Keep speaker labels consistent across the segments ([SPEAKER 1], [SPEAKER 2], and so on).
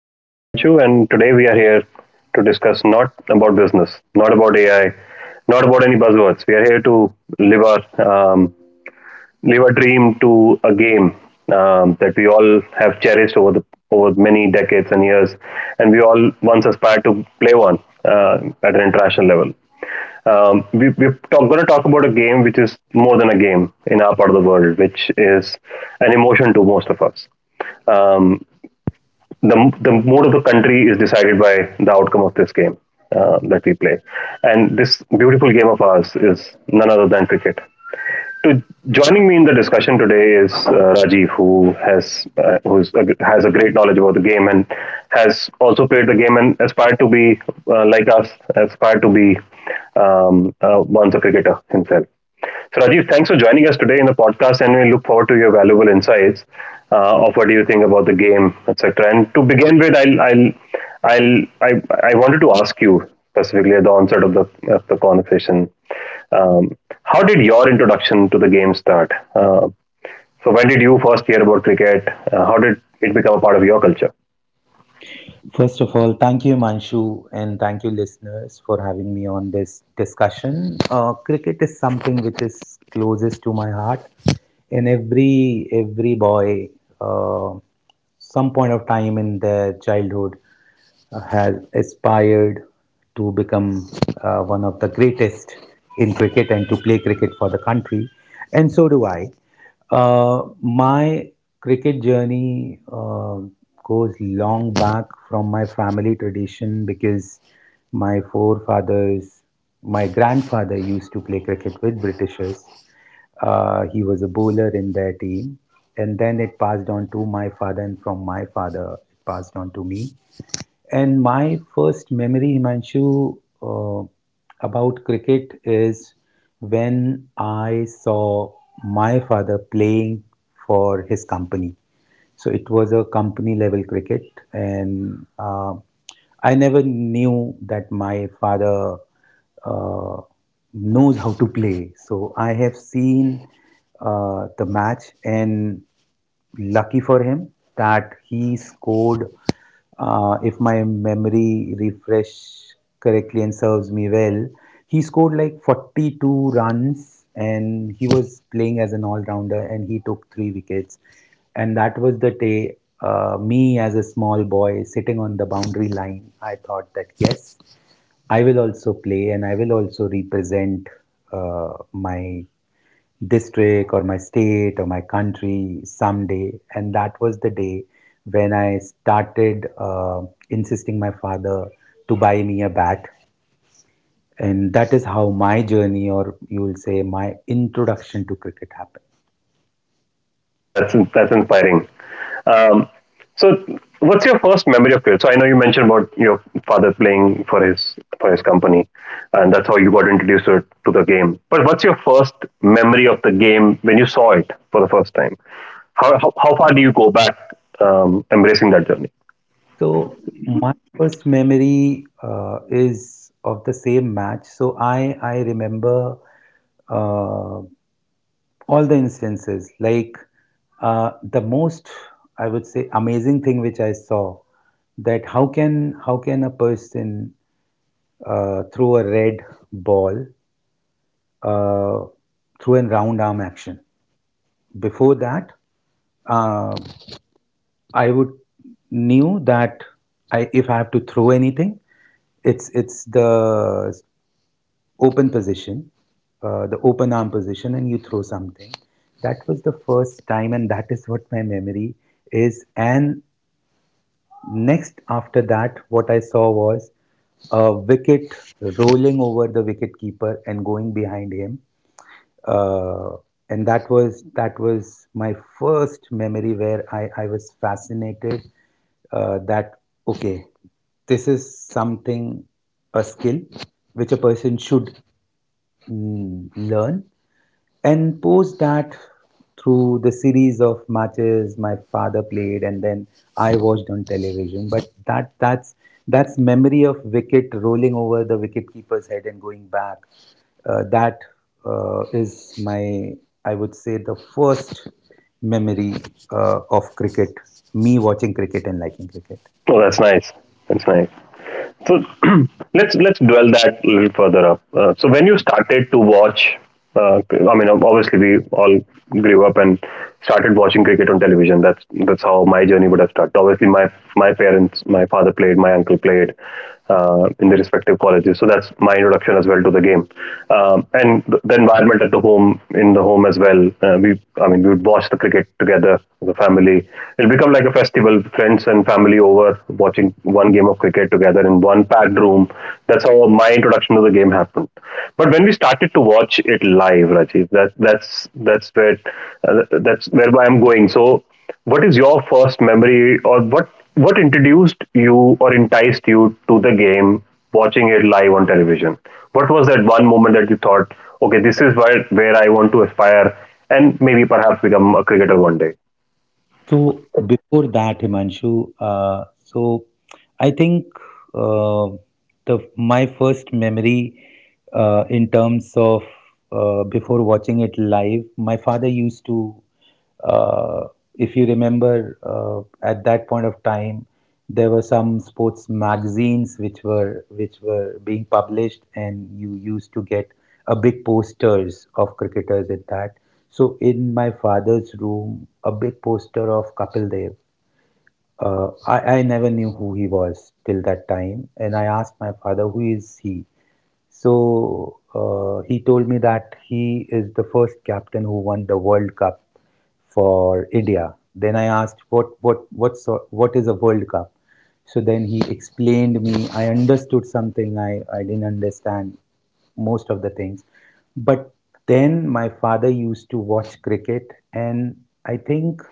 [SPEAKER 1] This is Himanshu, and today we are here to discuss not about business, not about AI, not about any buzzwords. We are here to live our um, live a dream to a game that we all have cherished over the over many decades and years, and we all once aspired to play one at an international level. We're going to talk about a game which is more than a game in our part of the world, which is an emotion to most of us. Um, the the mood of the country is decided by the outcome of this game that we play, and this beautiful game of ours is none other than cricket to Joining me in the discussion today is Rajiv, who has a great knowledge about the game and has also played the game and aspired to be like us, aspired to be once a cricketer himself. So, Rajiv, thanks for joining us today in the podcast, and we look forward to your valuable insights of what do you think about the game, etc. And to begin with, I'll I, I wanted to ask you specifically at the onset of the conversation. um, how did your introduction to the game start? So when did you first hear about cricket? How did it become a part of your culture?
[SPEAKER 2] First of all, thank you, Manshu, and thank you, listeners, for having me on this discussion. Cricket is something which is closest to my heart, and every boy, uh, some point of time in their childhood, has aspired to become one of the greatest in cricket and to play cricket for the country, and so do I. My cricket journey goes long back from my family tradition because my forefathers, my grandfather used to play cricket with Britishers. He was a bowler in their team, and then it passed on to my father, and from my father, it passed on to me, and my first memory, Himanshu, about cricket is when I saw my father playing for his company. So it was a company level cricket, and I never knew that my father uh, knows how to play. So I have seen the match, and lucky for him that he scored if my memory refresh correctly and serves me well, he scored like 42 runs, and he was playing as an all-rounder, and he took three wickets. And that was the day, me as a small boy sitting on the boundary line, I thought that yes, I will also play and I will also represent my district or my state or my country someday. And that was the day when I started insisting my father to buy me a bat. And that is how my journey, or you will say my introduction to cricket happened.
[SPEAKER 1] No, that's inspiring. Um, so what's your first memory of cricket? So I know you mentioned about your father playing for his company, and that's how you got introduced to the game. But what's your first memory of the game when you saw it for the first time? How far do you go back, embracing that journey?
[SPEAKER 2] So, my first memory is of the same match. So, I remember uh, all the instances like uh, the most I would say amazing thing which I saw, that how can a person throw a red ball uh, through a round arm action. Before that uh, I would knew that if I have to throw anything, it's the open position, the open arm position, and you throw something. That was the first time, and that is what my memory is. And next after that, what I saw was a wicket rolling over the wicket keeper and going behind him. Uh, and that was my first memory where I was fascinated that okay, this is something, a skill which a person should learn. And post that, through the series of matches my father played and then I watched on television. But that's memory of wicket rolling over the wicketkeeper's head and going back. That is my, I would say, the first memory of cricket, me watching cricket and liking cricket.
[SPEAKER 1] Oh, that's nice. That's nice. So let's dwell that a little further up. So when you started to watch, uh, I mean, obviously we all grew up and started watching cricket on television. That's how my journey would have started. Obviously, my parents, my father played, my uncle played in the respective colleges. So that's my introduction as well to the game, and the environment at the home as well. We, I mean, we would watch the cricket together as a family. It'll become like a festival. Friends and family over watching one game of cricket together in one packed room. That's how my introduction to the game happened. But when we started to watch it live, Rajiv, that's where that's whereby I'm going. So, what is your first memory, or what introduced you or enticed you to the game, watching it live on television? What was that one moment that you thought, okay, this is where I want to aspire, and maybe perhaps become a cricketer one day?
[SPEAKER 2] So before that, Himanshu, so I think uh, the my first memory in terms of before watching it live, my father used to, uh, if you remember, at that point of time there were some sports magazines which were being published, and you used to get a big posters of cricketers at that. So in my father's room, a big poster of Kapil Dev. I never knew who he was till that time, and I asked my father, "Who is he?" So he told me that he is the first captain who won the World Cup for India. Then I asked, "What, what, sort, what is a World Cup?" So then he explained me. I understood something I didn't understand most of the things. But then my father used to watch cricket, and I think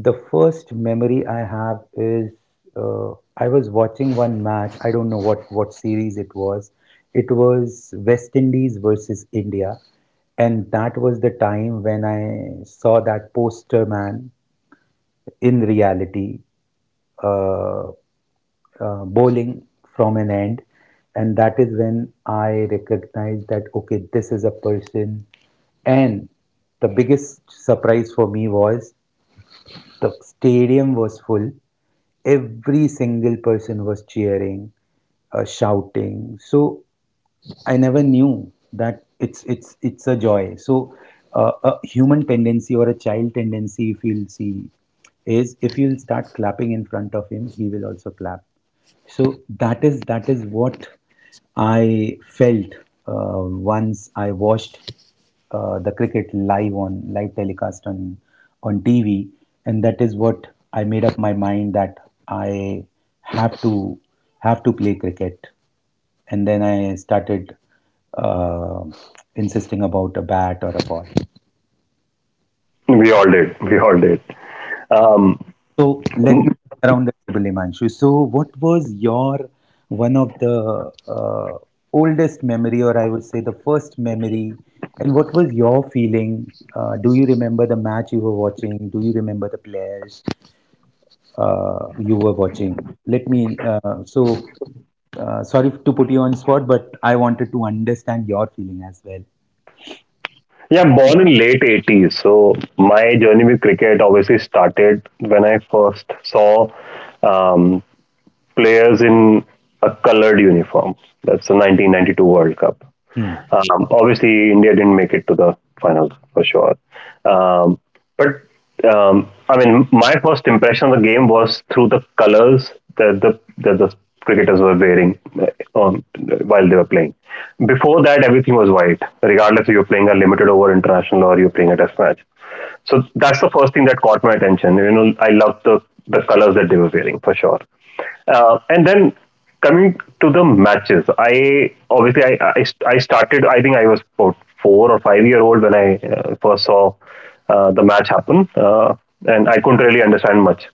[SPEAKER 2] the first memory I have is I was watching one match. I don't know what series it was. It was West Indies versus India, and that was the time when I saw that poster man in reality. Uh, Bowling from an end, and that is when I recognized that okay, this is a person. And the biggest surprise for me was the stadium was full, every single person was cheering, shouting. So I never knew that it's a joy. So a human tendency or a child tendency, if you'll see, is if you'll start clapping in front of him, he will also clap. So that is what I felt once I watched the cricket live, on live telecast on TV, and that is what I made up my mind that I have to have to play cricket. And then I started uh, insisting about a bat or a ball.
[SPEAKER 1] We all did. We all did. Um,
[SPEAKER 2] So let me turn around the table, Imanshu. So what was your one of the oldest memory, or I would say the first memory, and what was your feeling? Do you remember the match you were watching? Do you remember the players you were watching? Let me. So Sorry to put you on spot, but I wanted to understand your feeling as well.
[SPEAKER 1] Yeah, born in late eighties. So my journey with cricket obviously started when I first saw, um, players in a colored uniform. That's the 1992 World Cup.
[SPEAKER 2] Hmm.
[SPEAKER 1] Obviously, India didn't make it to the finals for sure. Um, but I mean, my first impression of the game was through the colors that the cricketers were wearing, on while they were playing. Before that, everything was white, regardless if you're playing a limited over international or you're playing a test match. So that's the first thing that caught my attention. You know, I love the colors that they were wearing for sure. And then coming to the matches, I started. I think I was about four or five-year-old when I first saw the match happen, and I couldn't really understand much.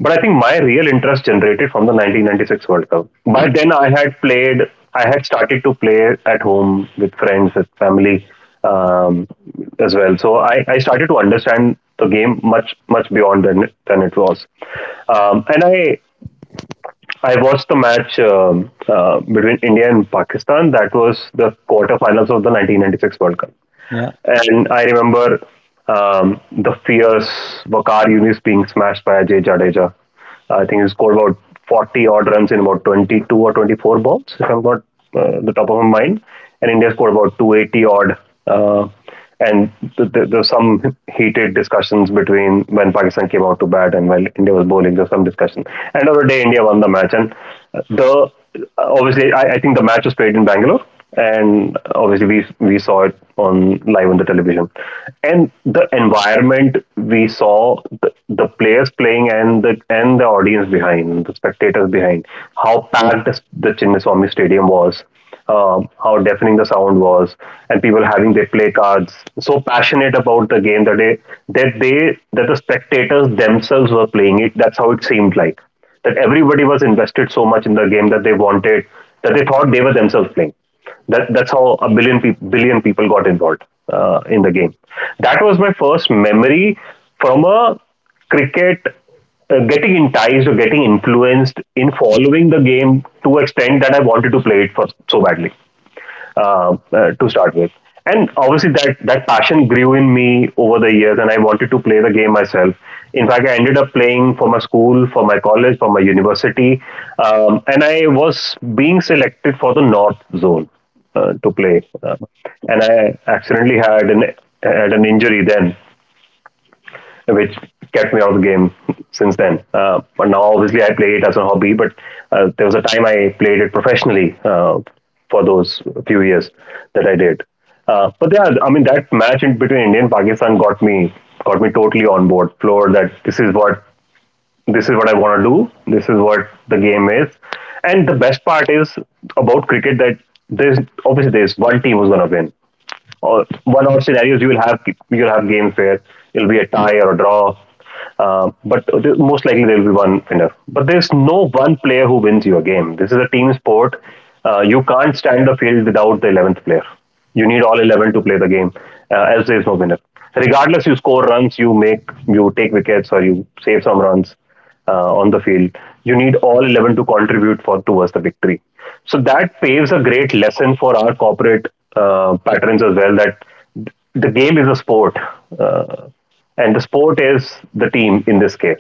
[SPEAKER 1] But I think my real interest generated from the 1996 World Cup. By then, I had played. I had started to play at home with friends, with family, um, as well. So I started to understand the game much much beyond than it was, and I watched the match between India and Pakistan. That was the quarterfinals of the 1996 World Cup,
[SPEAKER 2] Yeah.
[SPEAKER 1] and I remember the fierce Vakar Yunis being smashed by Ajay Jadeja. I think he scored about 40 odd runs in about 22 or 24 balls, if I'm not the top of my mind, and India scored about 280 odd. Uh, and there were some heated discussions between when Pakistan came out to bat and while India was bowling. There was some discussion. End of the day, India won the match, and the obviously I think the match was played in Bangalore, and obviously we saw it on live on the television, and the environment we saw the players playing and the audience behind the spectators behind, how packed the Chinnaswamy Stadium was, how deafening the sound was, and people having their play cards so passionate about the game that the spectators themselves were playing it. That's how it seemed like, that everybody was invested so much in the game that they wanted that they thought they were themselves playing. That that's how a billion people got involved in the game. That was my first memory from a cricket getting enticed or getting influenced in following the game to extent that I wanted to play it for so badly, to start with. And obviously, that passion grew in me over the years, and I wanted to play the game myself. In fact, I ended up playing for my school, for my college, for my university, and I was being selected for the North Zone to play. And I accidentally had an injury then, which kept me out of the game since then. But now, obviously, I play it as a hobby, but there was a time I played it professionally for those few years that I did. But yeah, I mean that match in between India and Pakistan got me totally on board, floored that this is what I want to do. This is what the game is. And the best part is about cricket that there's obviously there's one team who's gonna win, or one odd scenarios you will have, you'll have games where it'll be a tie or a draw. But most likely there will be one winner. But there's no one player who wins your game. This is a team sport. You can't stand the field without the 11th player. You need all 11 to play the game, else there is no winner. Regardless, you score runs, you take wickets, or you save some runs on the field. You need all 11 to contribute for towards the victory. So that paves a great lesson for our corporate patrons as well that, the game is a sport, uh, and the sport is the team in this case.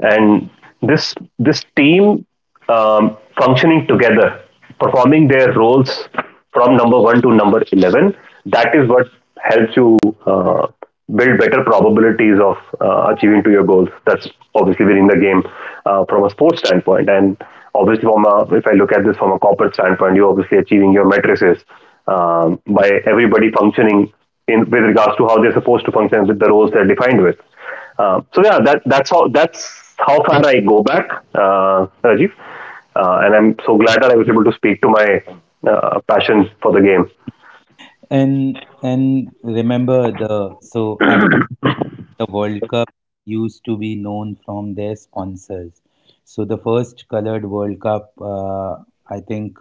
[SPEAKER 1] And this team functioning together, performing their roles from number one to number 11. That is what helps you build better probabilities of achieving to your goals. That's obviously winning the game from a sports standpoint. And obviously, if I look at this from a corporate standpoint, you're obviously achieving your matrices by everybody functioning in with regards to how they're supposed to function with the roles they're defined with. So yeah, that's how that's how far I go back, Rajiv. And I'm so glad that I was able to speak to my passion for the game.
[SPEAKER 2] And remember the so at the World Cup used to be known from their sponsors. So the first colored World Cup, I think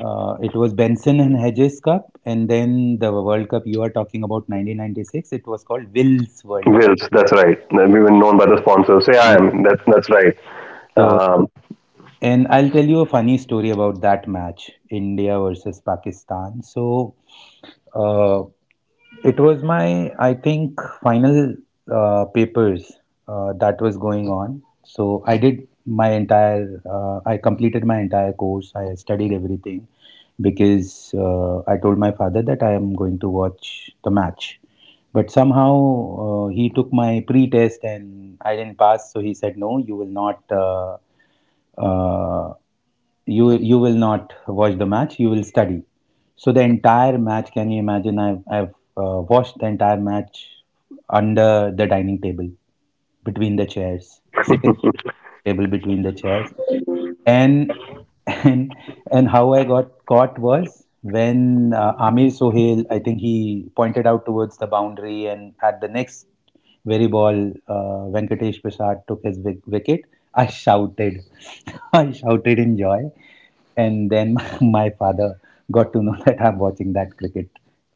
[SPEAKER 2] it was Benson and Hedges Cup, and then the World Cup you are talking about, 1996, it was called Will's World Cup.
[SPEAKER 1] Wills, that's right. We've been known by the sponsors. Say I
[SPEAKER 2] Yeah.
[SPEAKER 1] am. That's right.
[SPEAKER 2] So,
[SPEAKER 1] Um,
[SPEAKER 2] and I'll tell you a funny story about that match, India versus Pakistan. So, uh, it was my, I think, final papers that was going on. So, I did my entire, I completed my entire course. I studied everything because I told my father that I am going to watch the match. But somehow he took my pre test and I didn't pass. So, he said, "No, you will not. Uh, you you will not watch the match, you will study." So the entire match, can you imagine, I've watched the entire match under the dining table, between the chairs, sitting at the table between the chairs. And and and how I got caught was when Amir Sohail, I think, he pointed out towards the boundary, and at the next very ball, Venkatesh Prasad took his wicket. I shouted, I shouted in joy, and then my father got to know that I'm watching that cricket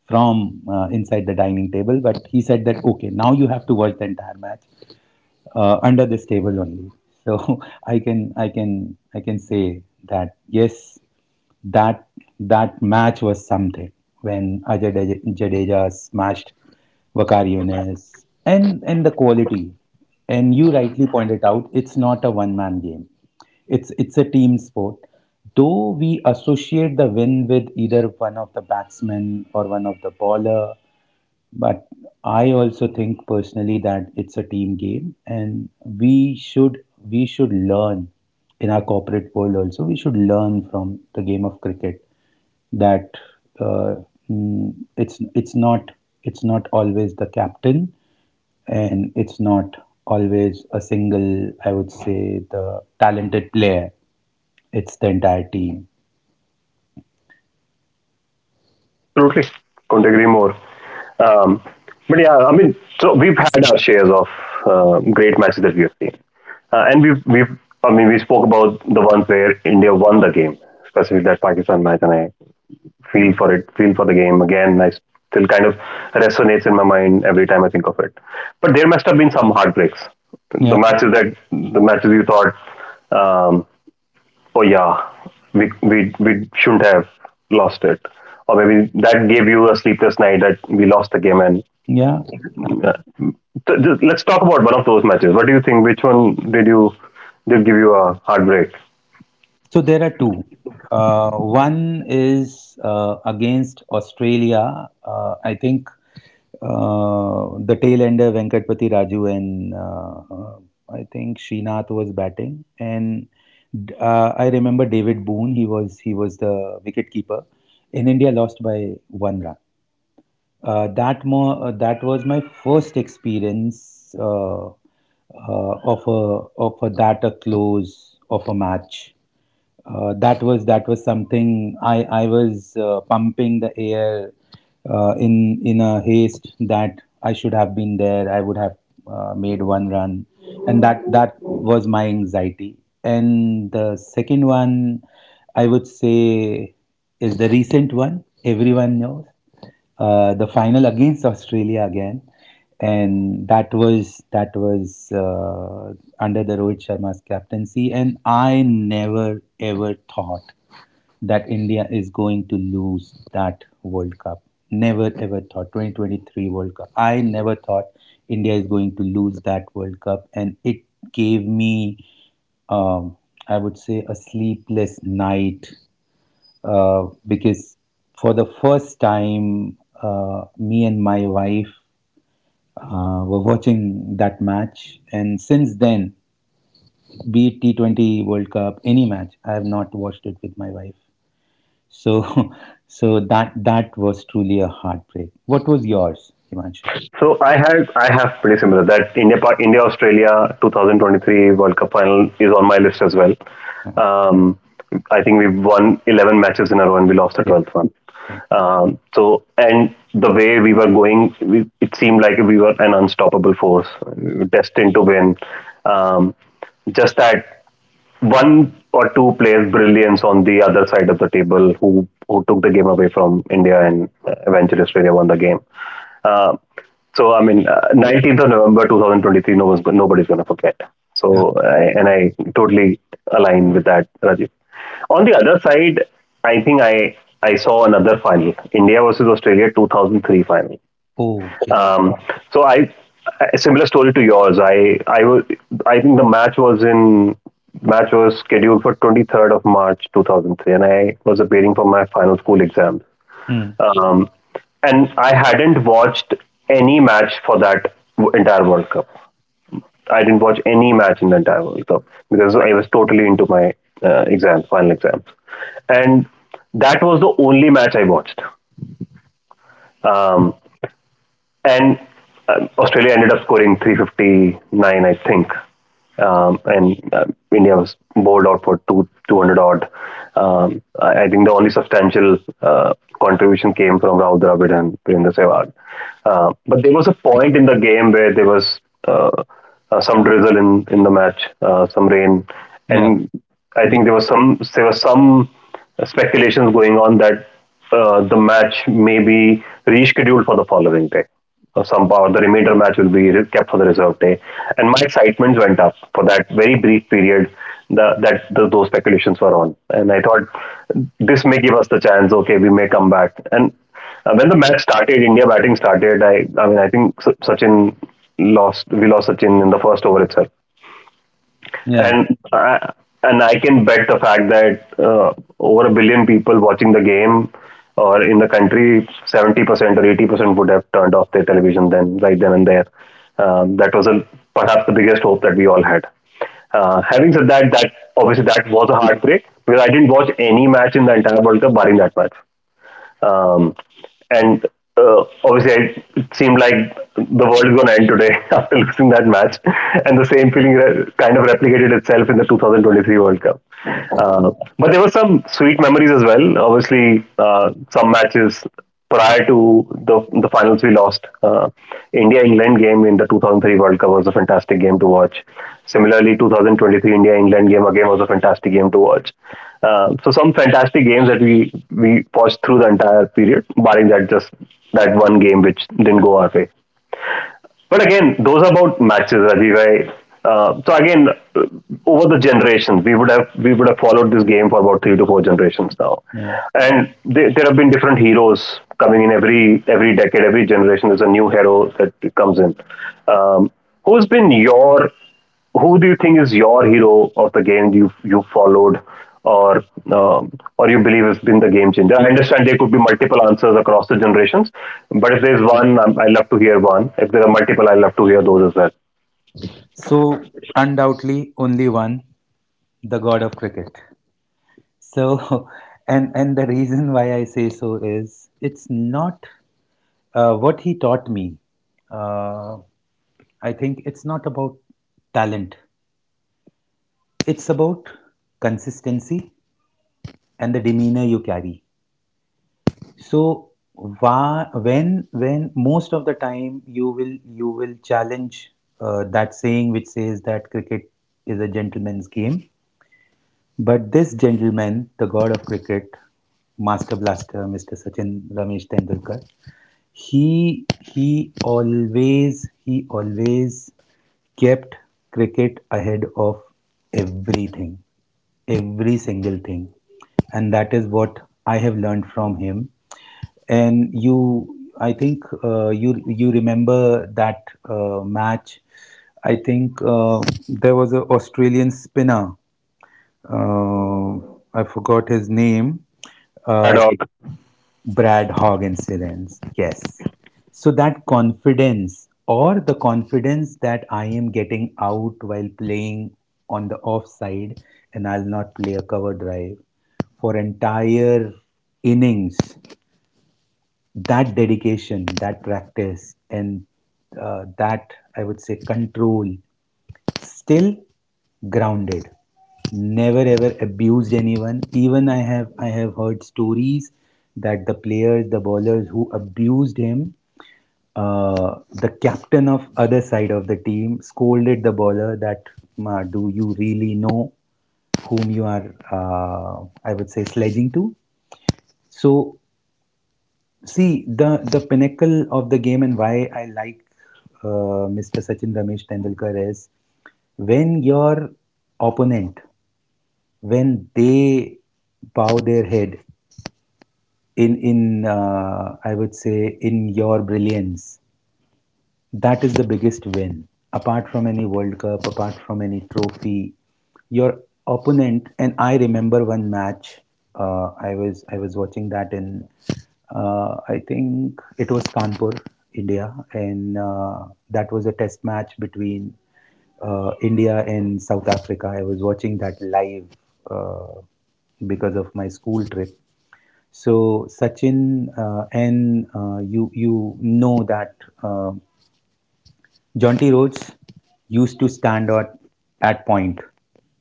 [SPEAKER 2] from inside the dining table. But he said that okay, now you have to watch the entire match under this table only. So I can say that yes, that that match was something when Jadeja smashed Vakar Yunis and the quality. And you rightly pointed out, it's not a one man game. It's a team sport. Though we associate the win with either one of the batsmen or one of the bowler, but I also think personally that it's a team game, and we should learn in our corporate world also. We should learn from the game of cricket that uh, it's not, it's not always the captain, and it's not always a single, I would say, the talented player. It's the entire team.
[SPEAKER 1] absolutely, couldn't agree more. Um, but yeah, I mean, so we've had our shares of great matches that we have seen, and we've I mean, we spoke about the ones where India won the game, specifically that Pakistan match, and I feel for the game. Again, I still kind of resonates in my mind every time I think of it. But there must have been some heartbreaks. The
[SPEAKER 2] Yeah,
[SPEAKER 1] matches that the matches you thought, um, oh yeah, we shouldn't have lost it, or maybe that gave you a sleepless night that we lost the game. And
[SPEAKER 2] yeah.
[SPEAKER 1] uh, just, let's talk about one of those matches. What do you think? Which one did you did give you a heartbreak?
[SPEAKER 2] So there are two. One is against Australia. I think uh, the tail ender Venkatpati Raju and I think Srinath was batting, and I remember David Boon. He was the wicketkeeper. Keeper, and India lost by one run. That was my first experience of that a close of a match. That was something I was pumping the air in a haste that I should have been there. I would have made one run, and that was my anxiety. And the second one, I would say, is the recent one. Everyone knows the final against Australia again, and that was under the Rohit Sharma's captaincy. And I never ever thought that India is going to lose that World Cup. Never ever thought, 2023 World Cup. I never thought India is going to lose that World Cup, and it gave me, um, I would say, a sleepless night because for the first time, me and my wife were watching that match. And since then, be it T20 World Cup, any match, I have not watched it with my wife. So, so that that was truly a heartbreak. What was yours, Himanshu?
[SPEAKER 1] So I have pretty similar that India Australia 2023 World Cup final is on my list as well.
[SPEAKER 2] Yeah,
[SPEAKER 1] Um, I think we've won 11 matches in a row and we lost the
[SPEAKER 2] yeah,
[SPEAKER 1] 12th one.
[SPEAKER 2] yeah.
[SPEAKER 1] So and the way we were going, it seemed like we were an unstoppable force, destined to win. Um, just that one or two players' brilliance on the other side of the table who took the game away from India and eventually Australia won the game. Uh, so I mean, 19th of November 2023, no one's, nobody's going to forget.
[SPEAKER 2] Yeah.
[SPEAKER 1] And I totally align with that, Rajiv. On the other side, I think I saw another final, India versus Australia 2003 final.
[SPEAKER 2] Oh, yeah.
[SPEAKER 1] Um, so I, a similar story to yours. I think the match was scheduled for 23rd of March 2003, and I was appearing for my final school exams.
[SPEAKER 2] Mm,
[SPEAKER 1] Um, and I hadn't watched any match for that entire World Cup. I didn't watch any match in the entire World Cup because I was totally into my final exams, and that was the only match I watched. Um, and Australia ended up scoring 359, I think. And India was bowled out for two 200 odd. I think the only substantial contribution came from Rahul Dravid and Virendra Sehwag. But there was a point in the game where there was uh, some drizzle in the match, some rain,
[SPEAKER 2] yeah.
[SPEAKER 1] and I
[SPEAKER 2] We,
[SPEAKER 1] think there was some speculations going on that the match may be rescheduled for the following day. Some or the remainder match will be kept for the reserve day, and my excitement went up for that very brief period. Those speculations were on, and I thought this may give us the chance. Okay, we may come back. And when the match started, India batting started. I mean, I think Sachin lost. We lost Sachin in the first over itself,
[SPEAKER 2] yeah,
[SPEAKER 1] and I and I can bet the fact that over a billion people watching the game or in the country, 70% or 80% would have turned off their television, then right then and there. Um, that was a, Perhaps the biggest hope that we all had. Having said that, obviously that was a heartbreak because I didn't watch any match in the entire World Cup barring that match. Um, and Obviously, it seemed like the world is going to end today after losing that match. And the same feeling kind of replicated itself in the 2023 World Cup. But there were some sweet memories as well. Obviously, some matches prior to the finals we lost. India England game in the 2003 World Cup was a fantastic game to watch. Similarly, 2023 India England game again was a fantastic game to watch. So some fantastic games that we watched through the entire period, barring that one game which didn't go our way. But again, those are about matches, Rajiv. Uh, Over the generations, we would have followed this game for about three to four generations now,
[SPEAKER 2] yeah.
[SPEAKER 1] and there have been different heroes coming in every decade, every generation. There's a new hero that comes in. Um, who's been your who do you think is your hero of the game you followed, or um, or you believe has been the game changer? I understand there could be multiple answers across the generations, but if there's one, I love to hear one. If there are multiple, I love to hear those as well.
[SPEAKER 2] So undoubtedly, only one, the god of cricket. So, and the reason why I say so is it's not what he taught me. Uh, I think it's not about talent. It's about consistency and the demeanor you carry. So, when most of the time you will challenge that saying which says that cricket is a gentleman's game. But this gentleman, the god of cricket, master blaster, Mr. Sachin Ramesh Tendulkar, he always kept cricket ahead of everything, every single thing, and that is what I have learned from him. And you, I think, you remember that match. I think there was an Australian spinner, uh, I forgot his name, uh,
[SPEAKER 1] Brad.
[SPEAKER 2] Brad Hogg incidents. Yes. So that confidence, or the confidence that I am getting out while playing on the offside and I'll not play a cover drive for entire innings, that dedication, that practice, and that, I would say, control. Still grounded, never ever abused anyone. Even I have heard stories that the players, the bowlers who abused him, the captain of other side of the team scolded the bowler that, "Ma, do you really know whom you are, I would say, sledging to." So see the pinnacle of the game, and why I like Mr. Sachin Ramesh Tendulkar is, when your opponent, when they bow their head in I would say, in your brilliance, that is the biggest win. Apart from any World Cup, apart from any trophy, your opponent. And I remember one match. I was watching that in, I think it was Kanpur, India, and that was a test match between India and South Africa. I was watching that live uh, because of my school trip. So Sachin, and you know that uh, Jaunty Rhodes used to stand at point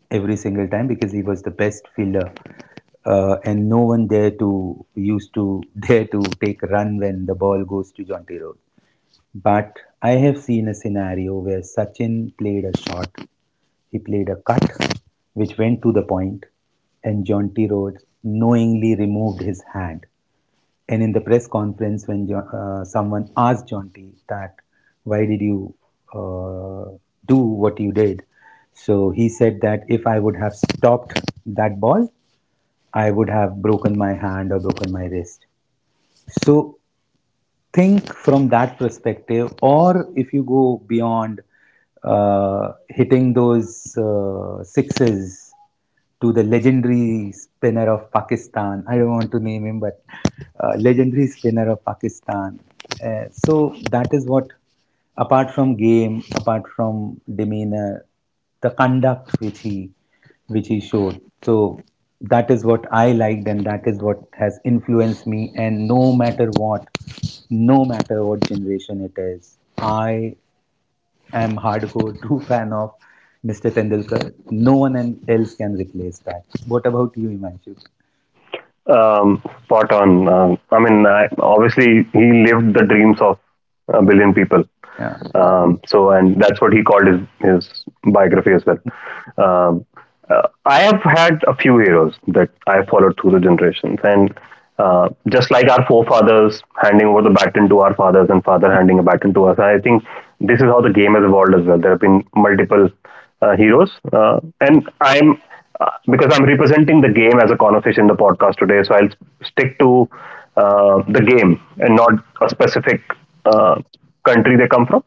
[SPEAKER 2] every single time because he was the best fielder, and no one dare to used to dare to take a run when the ball goes to Jaunty Rhodes. But I have seen a scenario where Sachin played a shot, he played a cut, which went to the point, and Jaunty Rhodes knowingly removed his hand. And in the press conference, when someone asked Jaunty that, why did you uh, do what you did? So he said that if I would have stopped that ball, I would have broken my hand or broken my wrist. So think from that perspective, or if you go beyond hitting those sixes to the legendary spinner of Pakistan. I don't want to name him, but legendary spinner of Pakistan. So that is what, apart from game, apart from demeanor, the conduct which he showed. So that is what I liked, and that is what has influenced me. And no matter what, no matter what generation it is, I am hardcore true fan of Mr. Tendulkar. No one else can replace that. What about you, Himanshu?
[SPEAKER 1] Spot on. I mean, I, obviously, he lived the dreams of a billion people.
[SPEAKER 2] Yeah.
[SPEAKER 1] So, and that's what he called his biography as well. Um, I have had a few heroes that I followed through the generations, and just like our forefathers handing over the baton to our fathers and father handing a baton to us, I think this is how the game has evolved as well. There have been multiple heroes, and I'm because I'm representing the game as a conversation in the podcast today, so I'll stick to the game and not a specific uh, country they come from.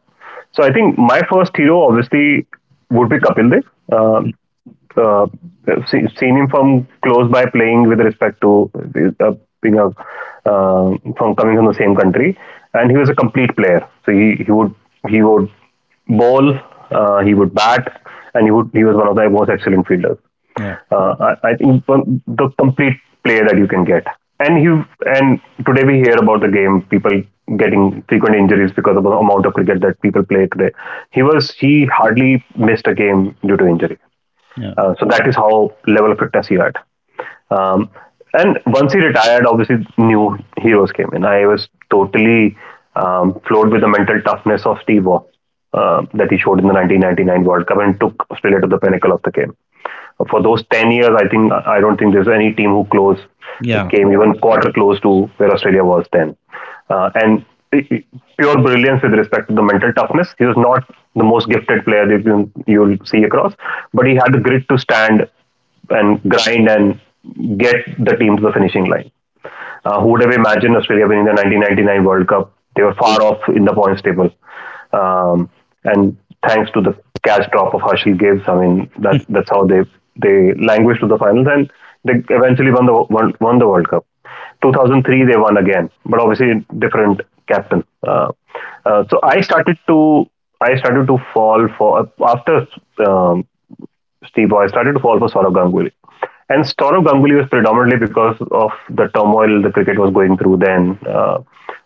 [SPEAKER 1] So I think my first hero obviously would be Kapil Dev. Uh,
[SPEAKER 2] Mm,
[SPEAKER 1] uh, Seen him from close by playing with respect to uh, being a from coming from the same country, and he was a complete player. So he would ball, he would bat, and he was one of the most excellent fielders.
[SPEAKER 2] yeah,
[SPEAKER 1] Uh, I think the complete player that you can get. And he and today we hear about the game people getting frequent injuries because of the amount of cricket that people play today. He hardly missed a game due to injury.
[SPEAKER 2] yeah,
[SPEAKER 1] So that is how level of fitness he had. Um, and once he retired, obviously new heroes came in. I was totally floored with the mental toughness of Steve Waugh that he showed in the 1999 World Cup and took Australia to the pinnacle of the game for those 10 years. I don't think there's any team who close
[SPEAKER 2] yeah,
[SPEAKER 1] came even quarter close to where Australia was then. And pure brilliance with respect to the mental toughness. He was not the most gifted player that you'll see across, but he had the grit to stand and grind and get the team to the finishing line. Who would have imagined Australia winning the 1999 World Cup? They were far off in the points table. Um, and thanks to the cash drop of Herschel Gibbs. I mean, that's how they languished to the finals and they eventually won won the World Cup. 2003 they won again, but obviously different captain. Uh, so I started to I started to fall for, after um, Steve Boy, started to fall for Saurabh Ganguly. And Saurabh Ganguly was predominantly because of the turmoil the cricket was going through then,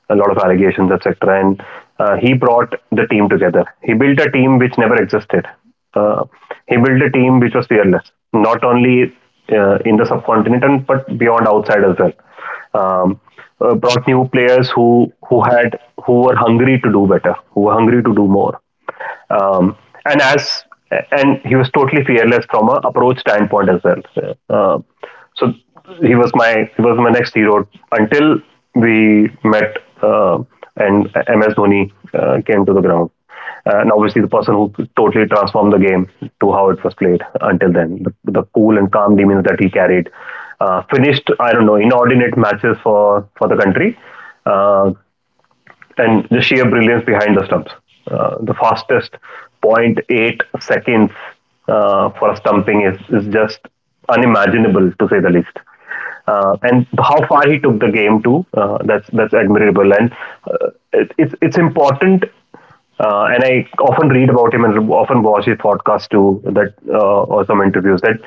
[SPEAKER 1] a lot of allegations, etc. And he brought the team together. He built a team which never existed. Uh, he built a team which was fearless, not only in the subcontinent but beyond outside as well. Um, Brought new players who were hungry to do better, who were hungry to do more, um, and as and he was totally fearless from a approach standpoint as well. Uh, so he was my next hero until we met and MS Dhoni came to the ground. And obviously, the person who totally transformed the game to how it was played until then. The cool and calm demeanor that he carried finished, I don't know, inordinate matches for the country. Uh, and the sheer brilliance behind the stumps. The fastest zero point 0.8 seconds for a stumping is just unimaginable to say the least. And how far he took the game to, that's admirable. And uh, it, it's important, and I often read about him and often watch his podcast too, that or some interviews. That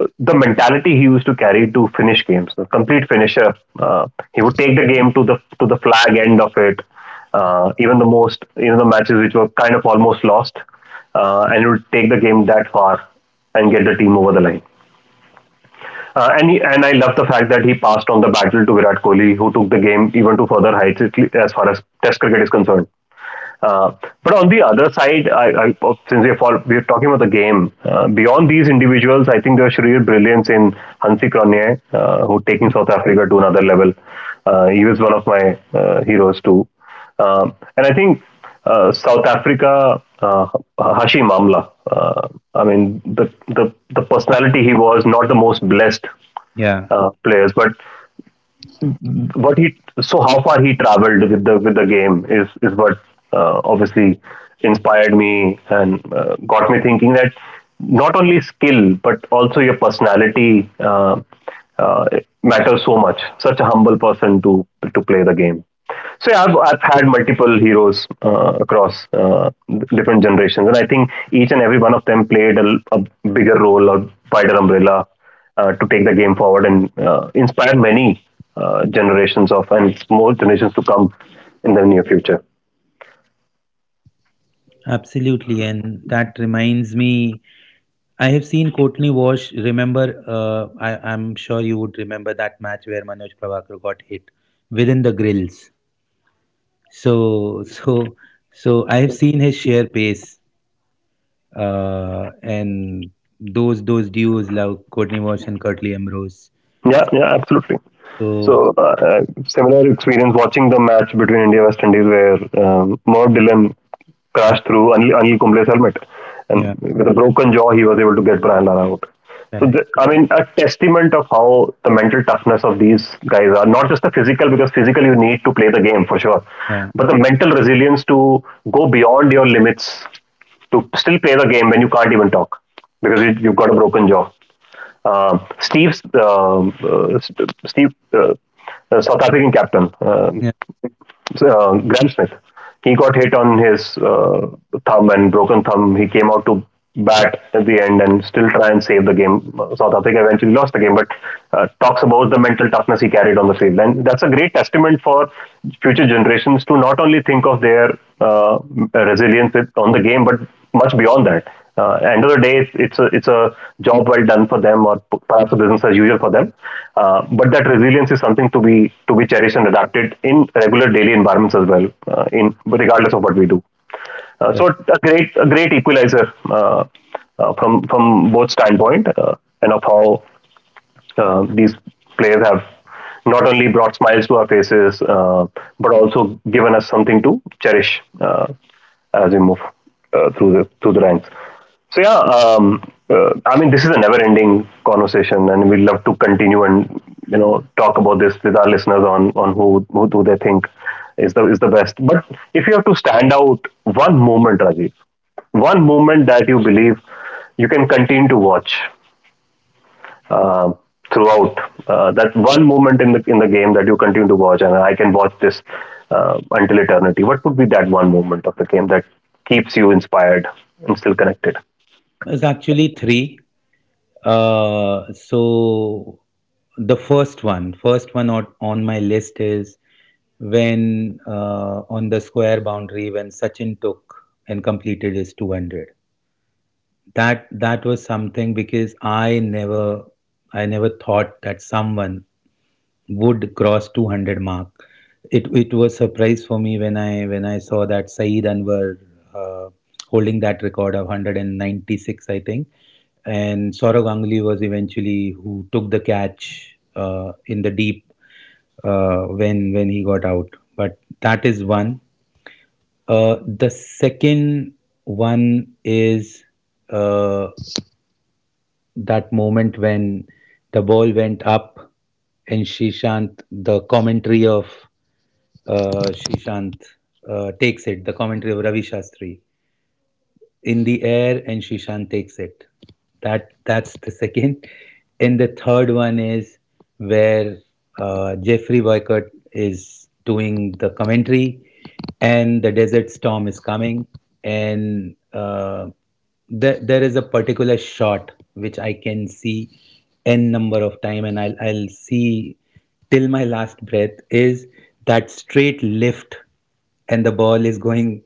[SPEAKER 1] the mentality he used to carry to finish games, a complete finisher. He would take the game to the flag end of it. Even the most, you know, the matches which were kind of almost lost, and he would take the game that far and get the team over the line. And I love the fact that he passed on the battle to Virat Kohli, who took the game even to further heights as far as Test cricket is concerned. Uh, but on the other side, we're talking about the game, beyond these individuals, I think there was sheer brilliance in Hansi Cronje, who taking
[SPEAKER 2] yeah,
[SPEAKER 1] South Africa to another level. He was one of my heroes too. And I think South Africa, Hashim Amla, I mean, the personality he was, not the most blessed
[SPEAKER 2] yeah,
[SPEAKER 1] players, but what he so how far he traveled with the game is what obviously inspired me and got me thinking that not only skill but also your personality uh, matters so much. Such a humble person to play the game. So yeah, I've had multiple heroes across different generations, and I think each and every one of them played a bigger role or wider umbrella to take the game forward and inspired many generations of and more generations to come in the near future.
[SPEAKER 2] absolutely. And that reminds me. I have seen Courtney Walsh. Remember, I'm sure you would remember that match where Manoj Prabhakar got hit within the grills. So, so, so I have seen his sheer pace, and those duos like Courtney Walsh and Curtly Ambrose.
[SPEAKER 1] Yeah, yeah, absolutely.
[SPEAKER 2] So,
[SPEAKER 1] So similar experience watching the match between India West Indies where Merv Dillon
[SPEAKER 2] yeah,
[SPEAKER 1] crashed through Anil Kumble's helmet, and
[SPEAKER 2] yeah,
[SPEAKER 1] with a broken jaw he was able to get Brian Lara out. So
[SPEAKER 2] correct,
[SPEAKER 1] the, I mean, a testament of how the mental toughness of these guys are not just the physical, because physical you need to play the game for sure,
[SPEAKER 2] yeah,
[SPEAKER 1] but the mental resilience to go beyond your limits to still play the game when you can't even talk because you've got a broken jaw. Steve's, Steve, South African captain,
[SPEAKER 2] yeah.
[SPEAKER 1] Graham Smith. He got hit on his thumb and broken thumb. He came out to bat at the end and still try and save the game. South Africa eventually lost the game, but talks about the mental toughness he carried on the field, and that's a great testament for future generations to not only think of their resilience with, on the game, but much beyond that. End of the day, it's a job well done for them, or perhaps a business as usual for them. But that resilience is something to be cherished and adapted in regular daily environments as well, in regardless of what we do. Uh,
[SPEAKER 2] Correct.
[SPEAKER 1] so a great equalizer, from both standpoint, and of how these players have not only brought smiles to our faces, but also given us something to cherish, as we move through the ranks. So yeah, I mean, this is a never-ending conversation, and we would love to continue and talk about this with our listeners on who do they think is the best. But if you have to stand out one moment, Rajiv, one moment that you believe you can continue to watch um throughout. That one moment in the game that you continue to watch, and I can watch this until eternity. What would be that one moment of the game that keeps you inspired and still connected?
[SPEAKER 2] It's actually three. So the first one on my list is when, on the square boundary, when Sachin took and completed his 200. That that was something because I never thought that someone would cross 200 mark. It was surprise for me when I saw that Saeed Anwar uh, holding that record of 196, I think, and Sourav Ganguly was eventually who took the catch in the deep when he got out. But that is one. The second one is, uh, that moment when the ball went up and Shishant, the commentary of Shishant, takes it, the commentary of Ravi Shastri, in the air and Shishan takes it. That that's the second. And the third one is where Jeffrey Boycott is doing the commentary, and the desert storm is coming, and there is a particular shot which I can see n number of time, and I'll see till my last breath, is that straight lift and the ball is going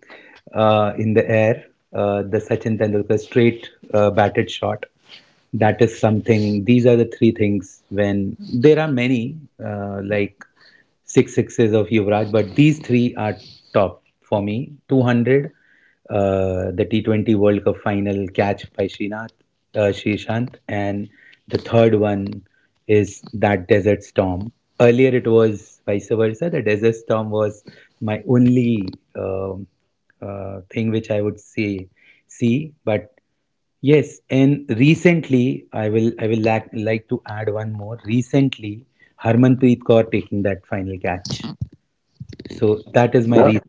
[SPEAKER 2] in the air. The Sachin Tendulkar straight batted shot. That is something. These are the three things. When there are many like six sixes of Yuvraj, but these three are top for me. 200, the T20 World Cup final catch by Srinath, Srishant, and the third one is that Desert Storm. Earlier it was vice versa. The Desert Storm was my only um thing which I would say see, but yes. And recently I will like to add one more. Recently, Harmanpreet Kaur taking that final catch. So
[SPEAKER 1] Yeah.
[SPEAKER 2] that is my
[SPEAKER 1] Yeah.
[SPEAKER 2] reason.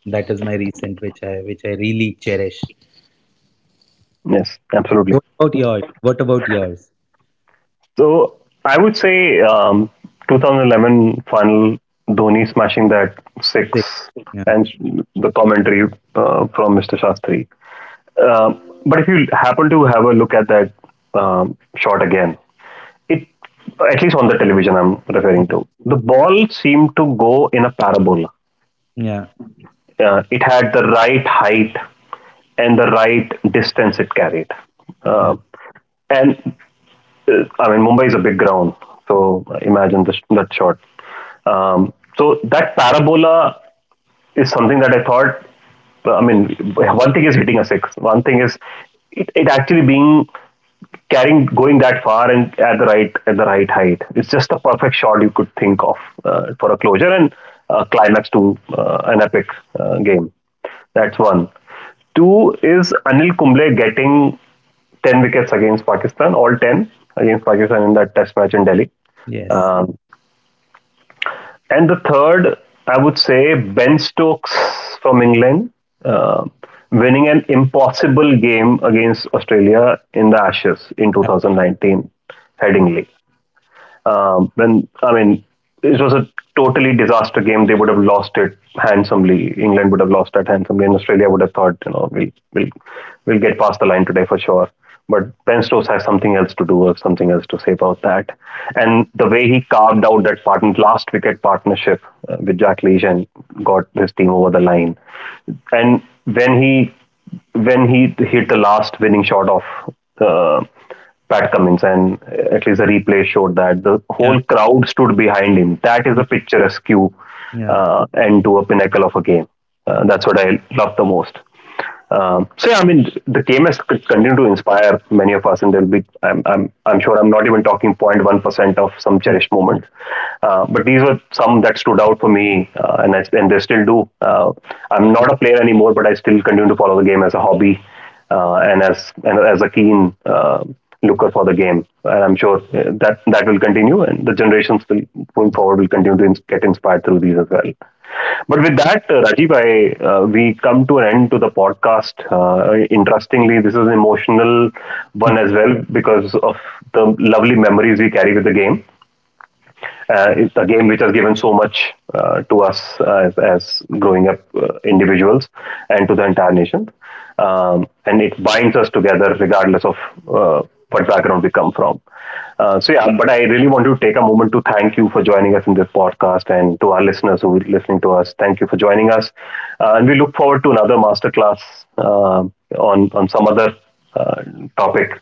[SPEAKER 2] That is my recent, which I really cherish.
[SPEAKER 1] Yes.
[SPEAKER 2] What
[SPEAKER 1] Absolutely.
[SPEAKER 2] about yours? What about yours?
[SPEAKER 1] So I would say 2011 final, Dhoni smashing that
[SPEAKER 2] Six.
[SPEAKER 1] six,
[SPEAKER 2] Yeah.
[SPEAKER 1] and the commentary from Mr. Shastri. But if you happen to have a look at that um, shot again, it, at least on the television I'm
[SPEAKER 2] Yeah.
[SPEAKER 1] referring to, the ball seemed to go in a parabola.
[SPEAKER 2] Yeah.
[SPEAKER 1] It had the right height and the right distance it carried,
[SPEAKER 2] Yeah.
[SPEAKER 1] uh, and I mean Mumbai is a big ground, so imagine this, that shot. Um, so that parabola is something that I thought, I mean, one thing is hitting a six, one thing is it actually being carrying going that far and at the right, at the right height. It's just the perfect shot you could think of, for a closure and a climax to an epic game. That's one. Two is Anil Kumble getting 10 wickets against Pakistan, all 10 against Pakistan in that test match in Delhi.
[SPEAKER 2] Yes.
[SPEAKER 1] Um, and the third, I would say Ben Stokes from England uh, winning an impossible game against Australia in the Ashes in
[SPEAKER 2] Uh,
[SPEAKER 1] 2019,
[SPEAKER 2] yeah.
[SPEAKER 1] Headingley. When I mean, it was a totally disaster game. They would have lost it handsomely. England would have lost that handsomely, and Australia would have thought, you know, we'll get past the line today for sure. But Ben Stokes has something else to do or something else to say about that. And the way he carved out that last wicket partnership with Jack Leach and got his team over the line. And when he hit the last winning shot of uh, Pat Cummins, and at least the replay showed that the
[SPEAKER 2] Yeah.
[SPEAKER 1] whole crowd stood behind him. That is a picturesque
[SPEAKER 2] Yeah.
[SPEAKER 1] end to a pinnacle of a game. That's what I love the most. So yeah, I mean, the game has continued to inspire many of us, and there'll be. I'm sure I'm not even talking zero point 0.1% of some cherished moments, but these were some that stood out for me, and they still do. I'm not a player anymore, but I still continue to follow the game as a hobby, and as a keen looker for the game. And I'm sure that that will continue, and the generations will going forward will continue to get inspired through these as well. But with that, Rajiv, we come to an end to the podcast. Interestingly, this is an emotional
[SPEAKER 2] Yeah.
[SPEAKER 1] one as well because of the lovely memories we carry with the game. It's a game which has given so much, to us, as growing up individuals and to the entire nation. And it binds us together regardless of uh, what background we come from. So, yeah, but I really want to take a moment to thank you for joining us in this podcast and to our listeners who are listening to us. Thank you for joining us. And we look forward to another masterclass uh, on some other uh, topic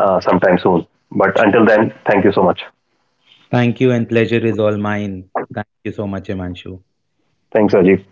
[SPEAKER 1] sometime soon. But until then, thank you so much.
[SPEAKER 2] Thank you, and pleasure is all mine. Thank you so much, Imanshu.
[SPEAKER 1] Thanks, Rajiv.